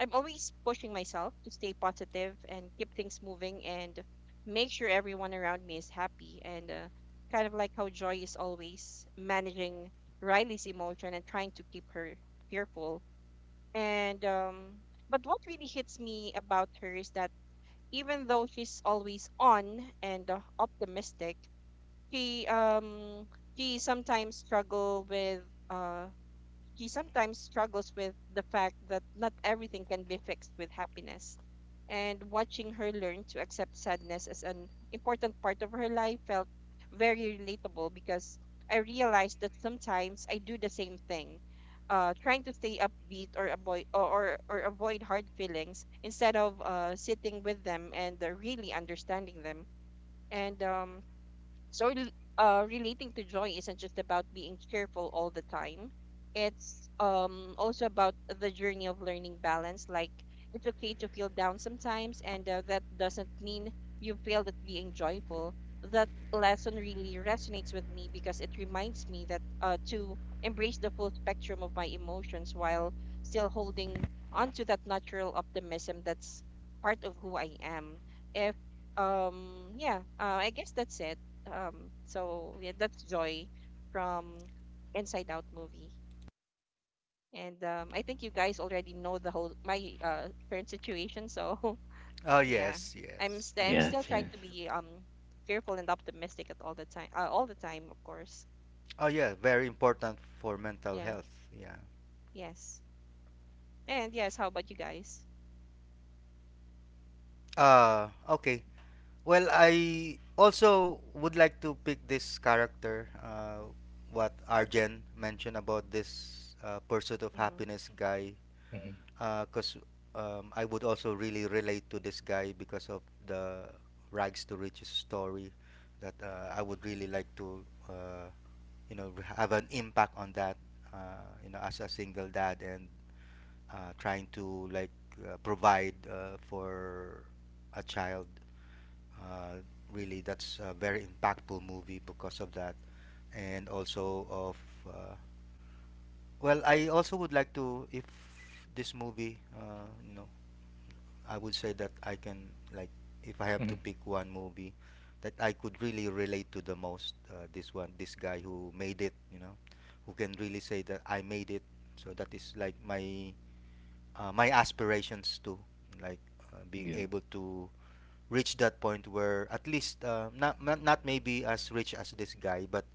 I'm always pushing myself to stay positive and keep things moving and make sure everyone around me is happy and kind of like how Joy is always managing Riley's emotion and trying to keep her fearful and but what really hits me about her is that even though she's always on and optimistic, she um she sometimes struggle with uh she sometimes struggles with the fact that not everything can be fixed with happiness. And watching her learn to accept sadness as an important part of her life felt very relatable because I realized that sometimes I do the same thing, trying to stay upbeat or avoid hard feelings instead of sitting with them and really understanding them. And so, rel- relating to joy isn't just about being cheerful all the time. It's also about the journey of learning balance. Like it's okay to feel down sometimes, and that doesn't mean you failed at being joyful. That lesson really resonates with me because it reminds me that to embrace the full spectrum of my emotions while still holding onto that natural optimism that's part of who I am. If yeah, I guess that's it. Yeah, that's Joy from Inside Out movie. And I think you guys already know the whole my current situation. So Oh, yeah, yes, yes. I'm still Yes, trying yes. to be careful and optimistic at all the time. All the time, of course. Oh yeah, very important for mental Yeah. health, yeah. Yes. And yes. How about you guys? Okay. Well, I also would like to pick this character, what Arjen mentioned about this pursuit of Mm-hmm. happiness guy, because I would also really relate to this guy because of the rags to riches story. That I would really like to, you know, have an impact on that, you know, as a single dad and trying to like provide for a child. uh, Really, that's a very impactful movie because of that. And also of uh, well, I also would like to if this movie, you know, I would say that I can like if I have to pick one movie that I could really relate to the most, this one, this guy who made it, you know, who can really say that I made it. So that is like my my aspirations too, like being able to reach that point where at least not, not maybe as rich as this guy, but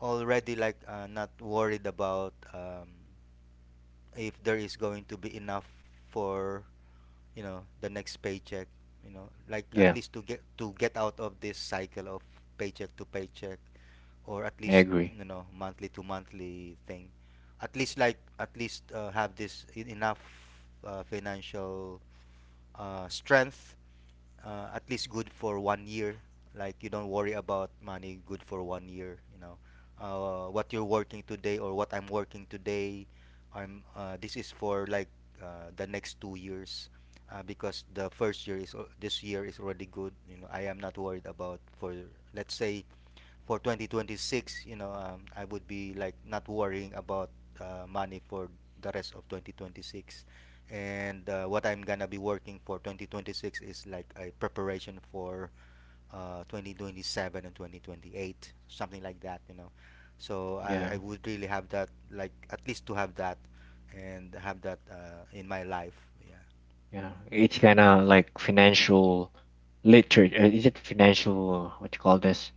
already like not worried about if there is going to be enough for you know the next paycheck. You know, like at Yeah, least to get out of this cycle of paycheck to paycheck, or at I least agree. you know monthly to monthly thing. At least like at least have this enough financial strength at least good for 1 year. Like you don't worry about money, good for 1 year. You know, what you're working today or what I'm working today, I'm. This is for like the next 2 years, because the first year is this year is already good. You know, I am not worried about for let's say for 2026, you know, I would be like not worrying about money for the rest of 2026. And what I'm gonna be working for 2026 is like a preparation for 2027 and 2028, something like that, you know. So I Yeah, would really have that, like at least to have that, and have that in my life. Yeah. yeah. It's kind of like financial literature. Is it financial? What you call this?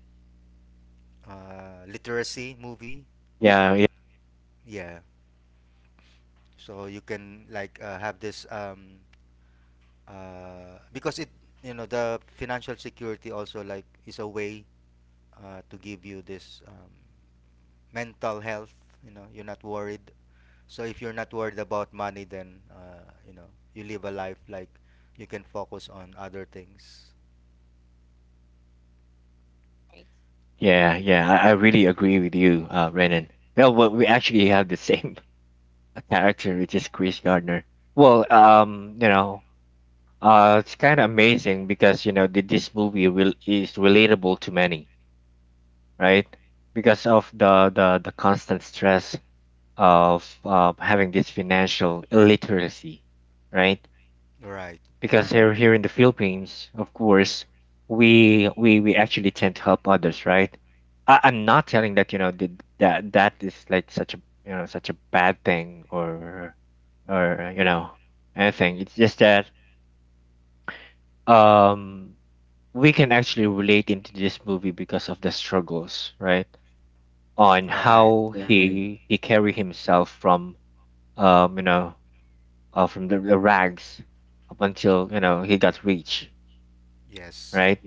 Literacy movie, Yeah, yeah. So you can like have this because it you know the financial security also like is a way to give you this mental health, you know you're not worried. So if you're not worried about money, then you know you live a life like you can focus on other things, Right. Yeah. I really agree with you, Renan. Well, we actually have the same character, which is Chris Gardner. Well, you know, it's kind of amazing because you know this movie will is relatable to many, right? Because of the constant stress of having this financial illiteracy, right? right, Because here, here in the Philippines, of course, we actually tend to help others, right? I'm not telling that you know that that is like such a you know such a bad thing or you know anything. It's just that um we can actually relate into this movie because of the struggles, right? On right, how he carry himself from you know from the rags up until you know he got rich, yes, right?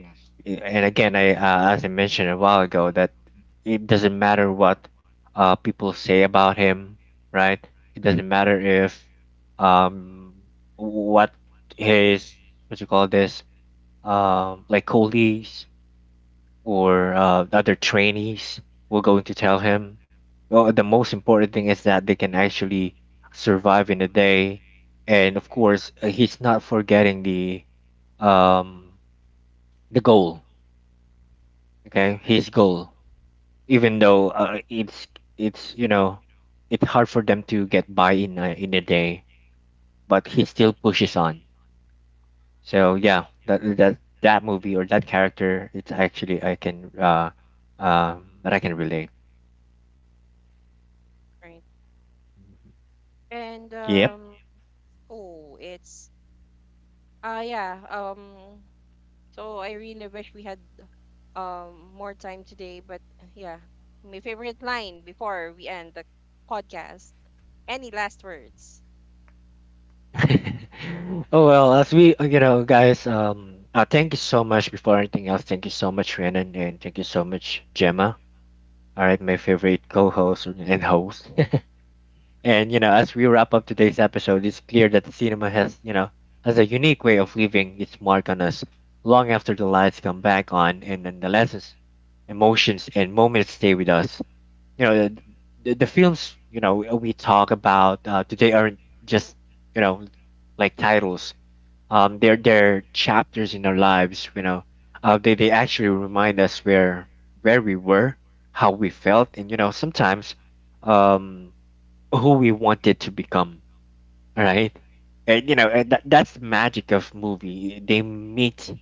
And again, I as I mentioned a while ago that it doesn't matter what people say about him, right? It doesn't matter if um what his, what you call this, like colleagues or the other trainees were going to tell him. Well, the most important thing is that they can actually survive in the day, and of course, he's not forgetting um the goal. Okay, his goal, even though it's, you know, it's hard for them to get by in a day, but he still pushes on. So yeah, that that movie or that character, it's actually I can that I can relate. Right. And Yep. Oh, it's yeah. I really wish we had more time today. But yeah, my favorite line before we end the podcast. Any last words? Oh well, as we you know, guys, thank you so much. Before anything else, thank you so much, Renan, and thank you so much, Gemma. All right, my favorite co-host and host. And you know, as we wrap up today's episode, it's clear that cinema has you know has a unique way of leaving its mark on us long after the lights come back on, and then the lessons, emotions, and moments stay with us. You know, the films you know we talk about today aren't just you know like titles, they're chapters in our lives. You know, they actually remind us where we were, how we felt, and you know sometimes, um, who we wanted to become. Right, and you know and that that's the magic of movie. They meet,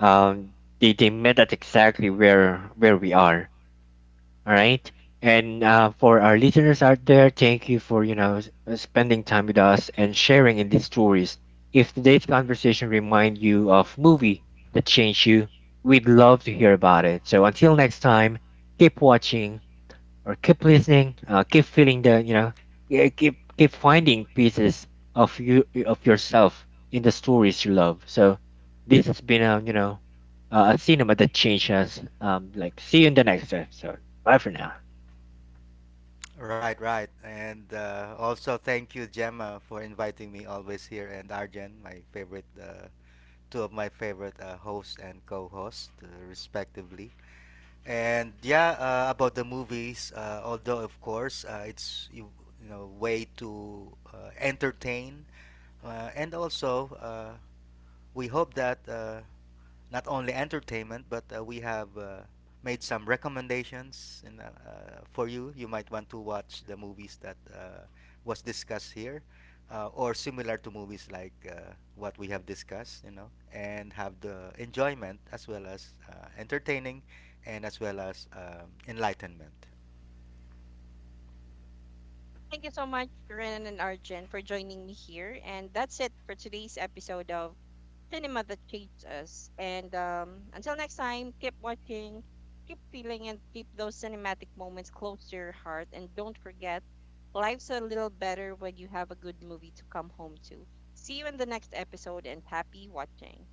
um, they met at exactly where we are, all right. And for our listeners out there, thank you for you know spending time with us and sharing in these stories. If today's conversation remind you of movie that changed you, we'd love to hear about it. So until next time, keep watching, or keep listening, keep feeling the you know, yeah, keep finding pieces of yourself in the stories you love. So this has been a you know a cinema that changed us. Like see you in the next episode. Bye for now. right. Right, and also thank you, Gemma, for inviting me always here, and Arjen, my favorite two of my favorite hosts and co-hosts, respectively. And yeah, about the movies, although of course it's you, you know way to entertain, and also we hope that not only entertainment, but we have made some recommendations in, for you. You might want to watch the movies that was discussed here, or similar to movies like what we have discussed, you know, and have the enjoyment as well as entertaining, and as well as enlightenment. Thank you so much, Renan and Arjun, for joining me here. And that's it for today's episode of Cinema That Shapes Us. And until next time, keep watching, keep feeling, and keep those cinematic moments close to your heart. And don't forget, life's a little better when you have a good movie to come home to. See you in the next episode and happy watching.